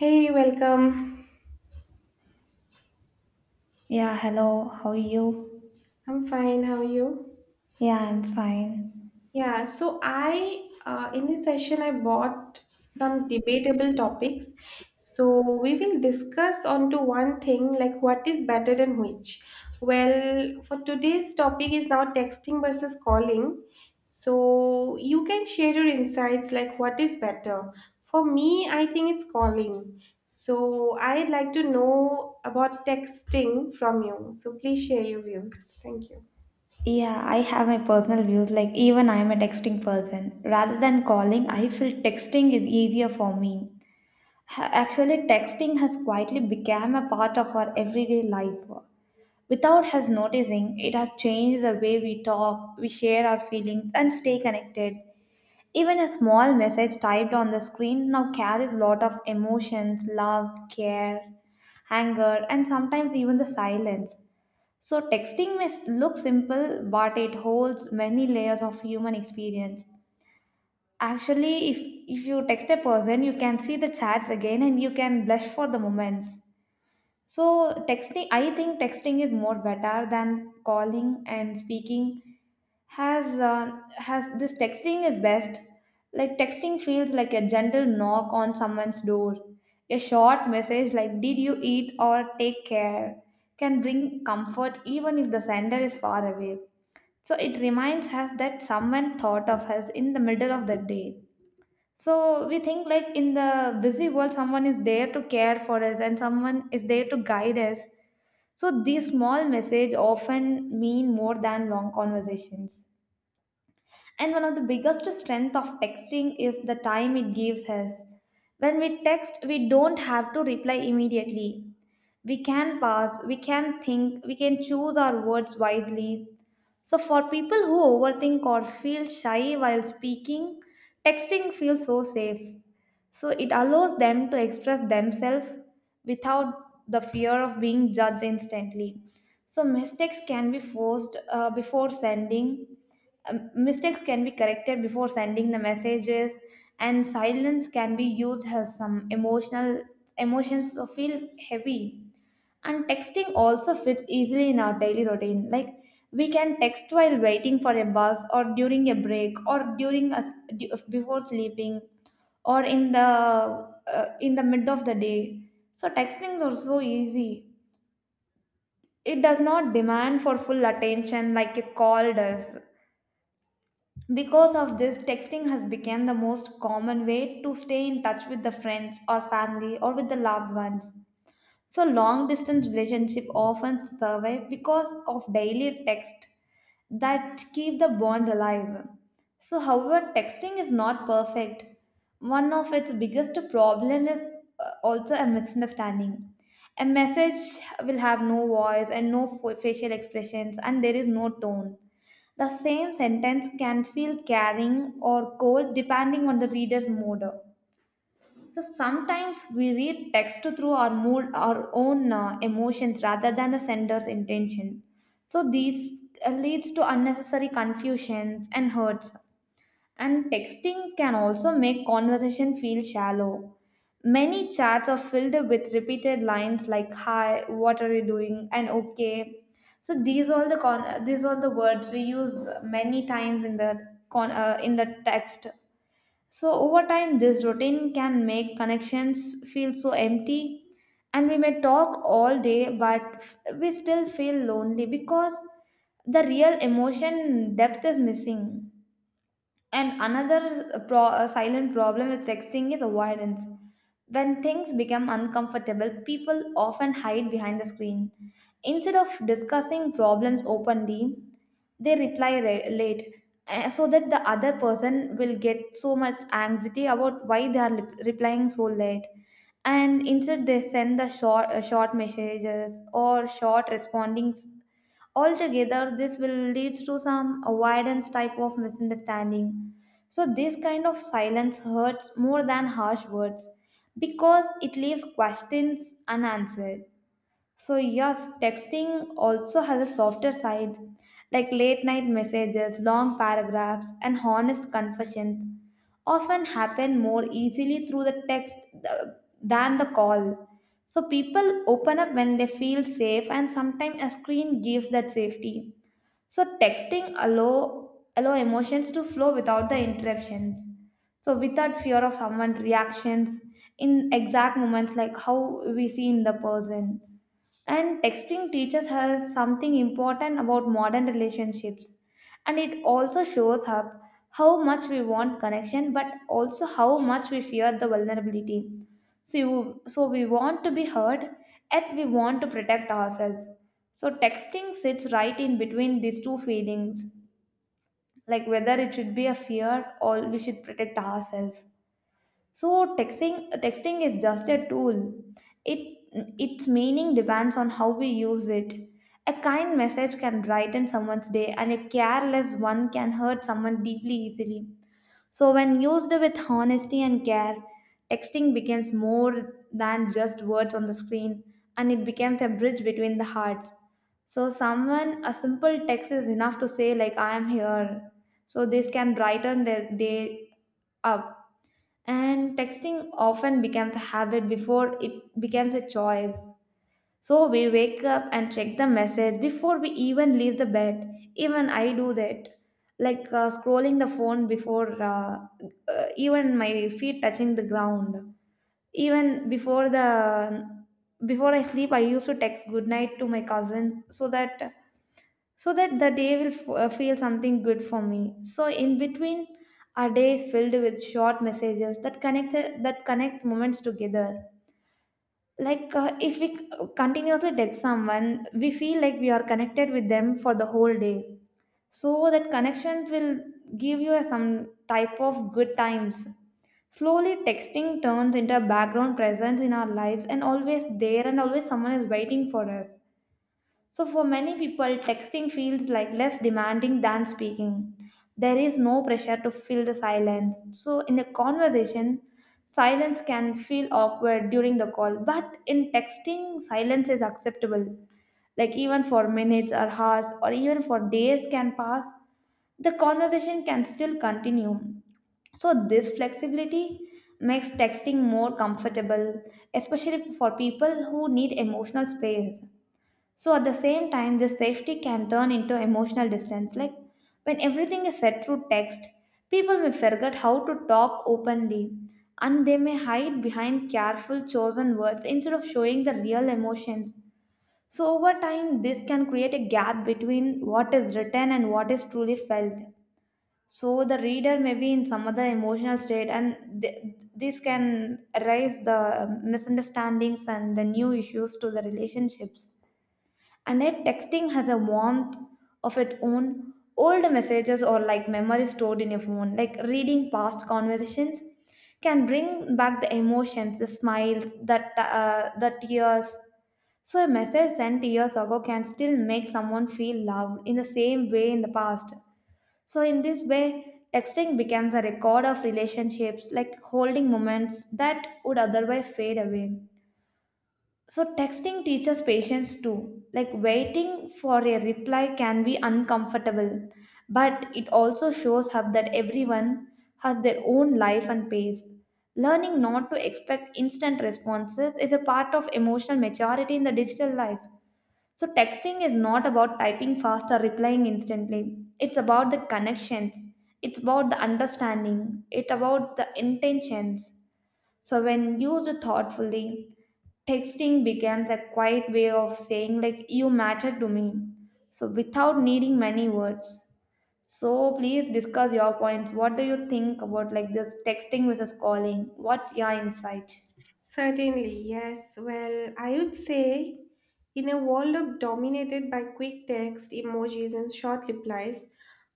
Hey, welcome. Yeah, hello. How are you? I'm fine. How are you? Yeah, I'm fine. Yeah, so I in this session I bought some debatable topics. So we will discuss onto one thing like what is better than which. Well, for today's topic is now texting versus calling. So you can share your insights like what is better. For me, I think it's calling. So I'd like to know about texting from you. So please share your views. Thank you. Yeah, I have my personal views. Like, even I'm a texting person. Rather than calling, I feel texting is easier for me. Actually, texting has quietly become a part of our everyday life. Without us noticing, it has changed the way we talk, we share our feelings, and stay connected. Even a small message typed on the screen now carries a lot of emotions, love, care, anger, and sometimes even the silence. So, texting may look simple, but it holds many layers of human experience. Actually, If you text a person, you can see the chats again and you can blush for the moments. So, texting, I think texting is more better than calling, and speaking has uh, has this texting is best, like texting feels like a gentle knock on someone's door. A short message like "Did you eat?" or "Take care" can bring comfort even if the sender is far away. So it reminds us that someone thought of us in the middle of the day. So we think like in the busy world someone is there to care for us and someone is there to guide us. So these small message often mean more than long conversations. And one of the biggest strength of texting is the time it gives us. When we text, we don't have to reply immediately. We can pause, we can think, we can choose our words wisely. So, for people who overthink or feel shy while speaking, texting feels so safe. So, it allows them to express themselves without the fear of being judged instantly. So, mistakes can be corrected before sending the messages, and silence can be used as some emotional emotions so feel heavy. And texting also fits easily in our daily routine. Like we can text while waiting for a bus, or during a break, or before sleeping, or in the mid of the day. So texting is also easy. It does not demand for full attention like a call does. Because of this, texting has become the most common way to stay in touch with the friends or family or with the loved ones. So long distance relationship often survive because of daily text that keep the bond alive. So however texting is not perfect. One of its biggest problem is also a misunderstanding. A message will have no voice and no facial expressions, and there is no tone. The same sentence can feel caring or cold depending on the reader's mood. So sometimes we read text through our mood, our own emotions rather than the sender's intention. So these leads to unnecessary confusions and hurts. And texting can also make conversation feel shallow. Many chats are filled with repeated lines like "Hi, what are you doing?" and "Okay." So these all the words we use many times in the in the text. So, over time, this routine can make connections feel so empty, and we may talk all day, but we still feel lonely because the real emotion depth is missing. And a silent problem with texting is avoidance. When things become uncomfortable, people often hide behind the screen. Instead of discussing problems openly, they reply late so that the other person will get so much anxiety about why they are replying so late. And instead, they send the short messages or short respondings. Altogether, this will lead to some avoidance type of misunderstanding. So this kind of silence hurts more than harsh words because it leaves questions unanswered. So, yes, texting also has a softer side, like late night messages, long paragraphs, and honest confessions often happen more easily through the text than the call. So, people open up when they feel safe, and sometimes a screen gives that safety. So, texting allow emotions to flow without the interruptions. So, without fear of someone's reactions in exact moments, like how we see in the person. And texting teaches us something important about modern relationships. And it also shows up how much we want connection, but also how much we fear the vulnerability. So, we want to be heard, yet we want to protect ourselves. So texting sits right in between these two feelings, like whether it should be a fear or we should protect ourselves. So texting is just a tool. It its meaning depends on how we use it. A kind message can brighten someone's day, and a careless one can hurt someone deeply easily. So when used with honesty and care, texting becomes more than just words on the screen, and it becomes a bridge between the hearts. So someone a simple text is enough to say like "I am here." So this can brighten their day up. And texting often becomes a habit before it becomes a choice. So we wake up and check the message before we even leave the bed. Even I do that. Like scrolling the phone before even my feet touching the ground. Even before I sleep I used to text good night to my cousins so that, so that the day will feel something good for me. So in between, our day is filled with short messages that connect, that connect moments together. Like if we continuously text someone, we feel like we are connected with them for the whole day. So that connections will give you some type of good times. Slowly texting turns into a background presence in our lives, and always there, and always someone is waiting for us. So, for many people, texting feels like less demanding than speaking. There is no pressure to fill the silence. So, in a conversation, silence can feel awkward during the call, but in texting, silence is acceptable. Like, even for minutes or hours, or even for days can pass, the conversation can still continue. So, this flexibility makes texting more comfortable, especially for people who need emotional space. So at the same time, this safety can turn into emotional distance. Like when everything is said through text, people may forget how to talk openly, and they may hide behind careful chosen words instead of showing the real emotions. So over time, this can create a gap between what is written and what is truly felt. So the reader may be in some other emotional state, and this can raise the misunderstandings and the new issues to the relationships. And yet, texting has a warmth of its own. Old messages or like memories stored in your phone, like reading past conversations, can bring back the emotions, the smiles, the tears. So, a message sent years ago can still make someone feel loved in the same way in the past. So, in this way, texting becomes a record of relationships, like holding moments that would otherwise fade away. So, texting teaches patience too. Like, waiting for a reply can be uncomfortable, but it also shows up that everyone has their own life and pace. Learning not to expect instant responses is a part of emotional maturity in the digital life. So, texting is not about typing fast or replying instantly. It's about the connections, it's about the understanding, it's about the intentions. So when used thoughtfully, texting becomes a quiet way of saying like "You matter to me." So without needing many words. So please discuss your points. What do you think about like this texting versus calling? What's your insight? Certainly, yes. Well, I would say in a world of dominated by quick text, emojis, and short replies,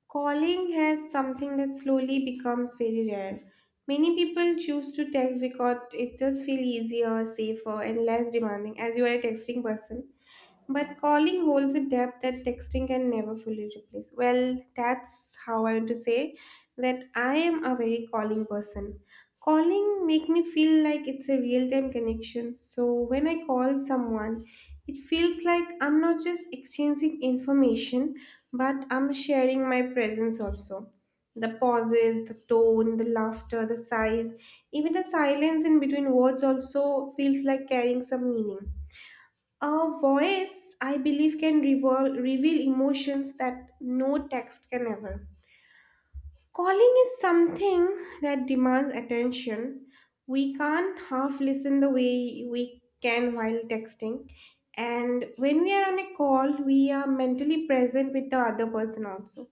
calling has something that slowly becomes very rare. Many people choose to text because it just feels easier, safer, and less demanding as you are a texting person. But calling holds a depth that texting can never fully replace. Well, that's how I want to say that I am a very calling person. Calling make me feel like it's a real-time connection. So when I call someone, it feels like I'm not just exchanging information, but I'm sharing my presence also. The pauses, the tone, the laughter, the sighs, even the silence in between words also feels like carrying some meaning. A voice, I believe, can reveal emotions that no text can ever. Calling is something that demands attention. We can't half listen the way we can while texting. And when we are on a call, we are mentally present with the other person also.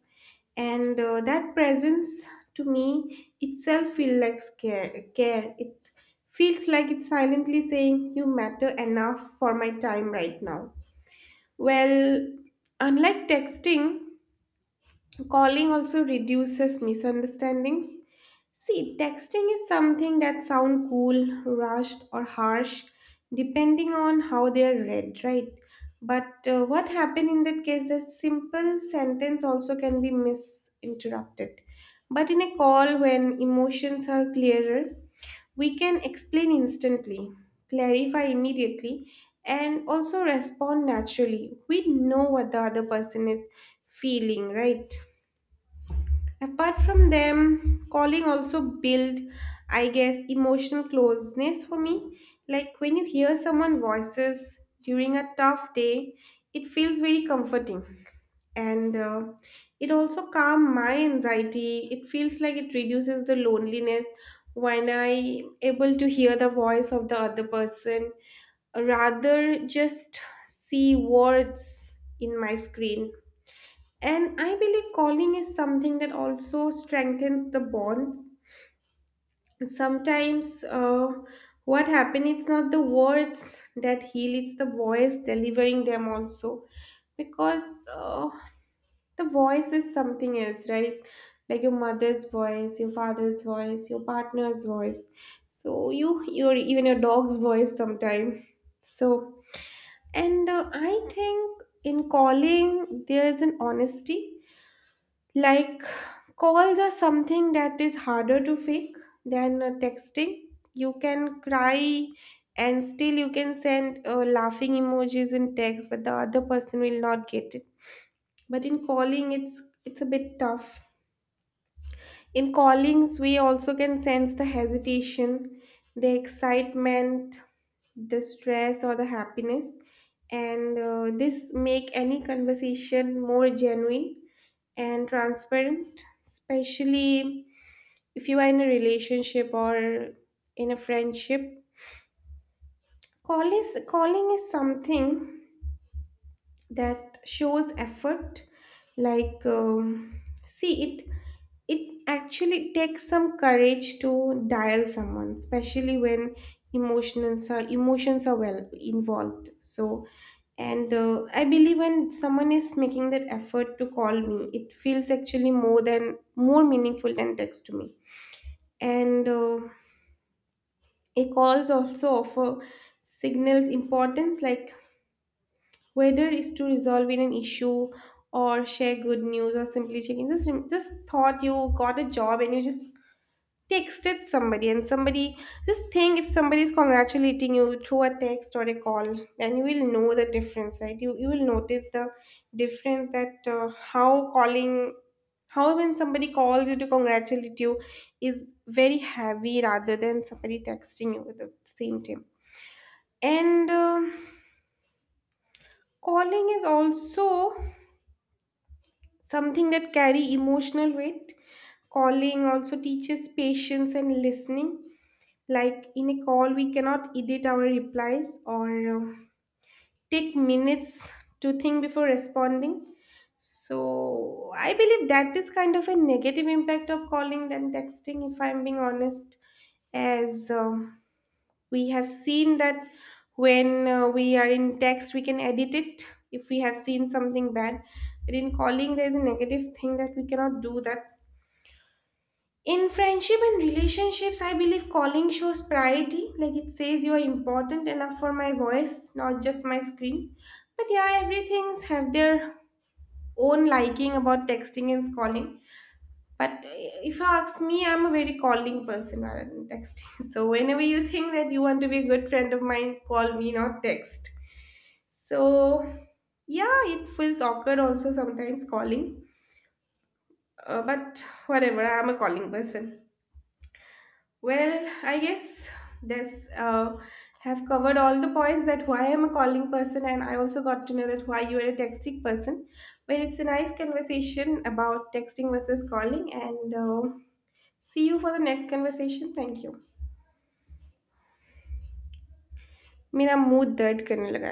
And that presence to me itself feels like care. Care. It feels like it's silently saying, "You matter enough for my time right now." Well, unlike texting, calling also reduces misunderstandings. See, texting is something that sound cool, rushed, or harsh, depending on how they are read, right? But what happened in that case? The simple sentence also can be misinterpreted. But in a call, when emotions are clearer, we can explain instantly, clarify immediately, and also respond naturally. We know what the other person is feeling, right? Apart from them, calling also build, I guess, emotional closeness for me. Like when you hear someone voices during a tough day, it feels very comforting and it also calm my anxiety. It feels like it reduces the loneliness when I able to hear the voice of the other person rather just see words in my screen. And I believe calling is something that also strengthens the bonds. Sometimes what happens, it's not the words that heal, it's the voice delivering them also. Because the voice is something else, right? Like your mother's voice, your father's voice, your partner's voice. So you, your even your dog's voice sometime. So and I think in calling there is an honesty. Like calls are something that is harder to fake than texting. You can cry and still you can send laughing emojis in text, but the other person will not get it. But in calling it's a bit tough. In callings, we also can sense the hesitation, the excitement, the stress, or the happiness. And this make any conversation more genuine and transparent, especially if you are in a relationship or in a friendship. Calling is something that shows effort. Like, see it. It actually takes some courage to dial someone, especially when emotions are well involved. So, and I believe when someone is making that effort to call me, it feels actually more meaningful than text to me. And a calls also offer signals importance, like whether is to resolve in an issue or share good news or simply check in. Just thought you got a job and you just texted somebody and somebody, just think if somebody is congratulating you through a text or a call, then you will know the difference, right? You will notice the difference that how calling, how when somebody calls you to congratulate you is very heavy rather than somebody texting you with the same tone. And calling is also something that carry emotional weight. Calling also teaches patience and listening. Like in a call we cannot edit our replies or take minutes to think before responding. So I believe that is kind of a negative impact of calling than texting, if I'm being honest. As We have seen that when we are in text we can edit it if we have seen something bad, but in calling there is a negative thing that we cannot do that. In friendship and relationships, I believe calling shows priority. Like it says you are important enough for my voice, not just my screen. But yeah, everything's have their own liking about texting and calling. But if you ask me, I'm a very calling person rather than texting. So whenever you think that you want to be a good friend of mine, call me, not text. So yeah, it feels awkward also sometimes calling. But whatever, I'm a calling person. Well, I guess this have covered all the points that why I'm a calling person, and I also got to know that why you are a texting person. Well, it's a nice conversation about texting versus calling, and see you for the next conversation. Thank you. मेरा mood दर्द करने लगा है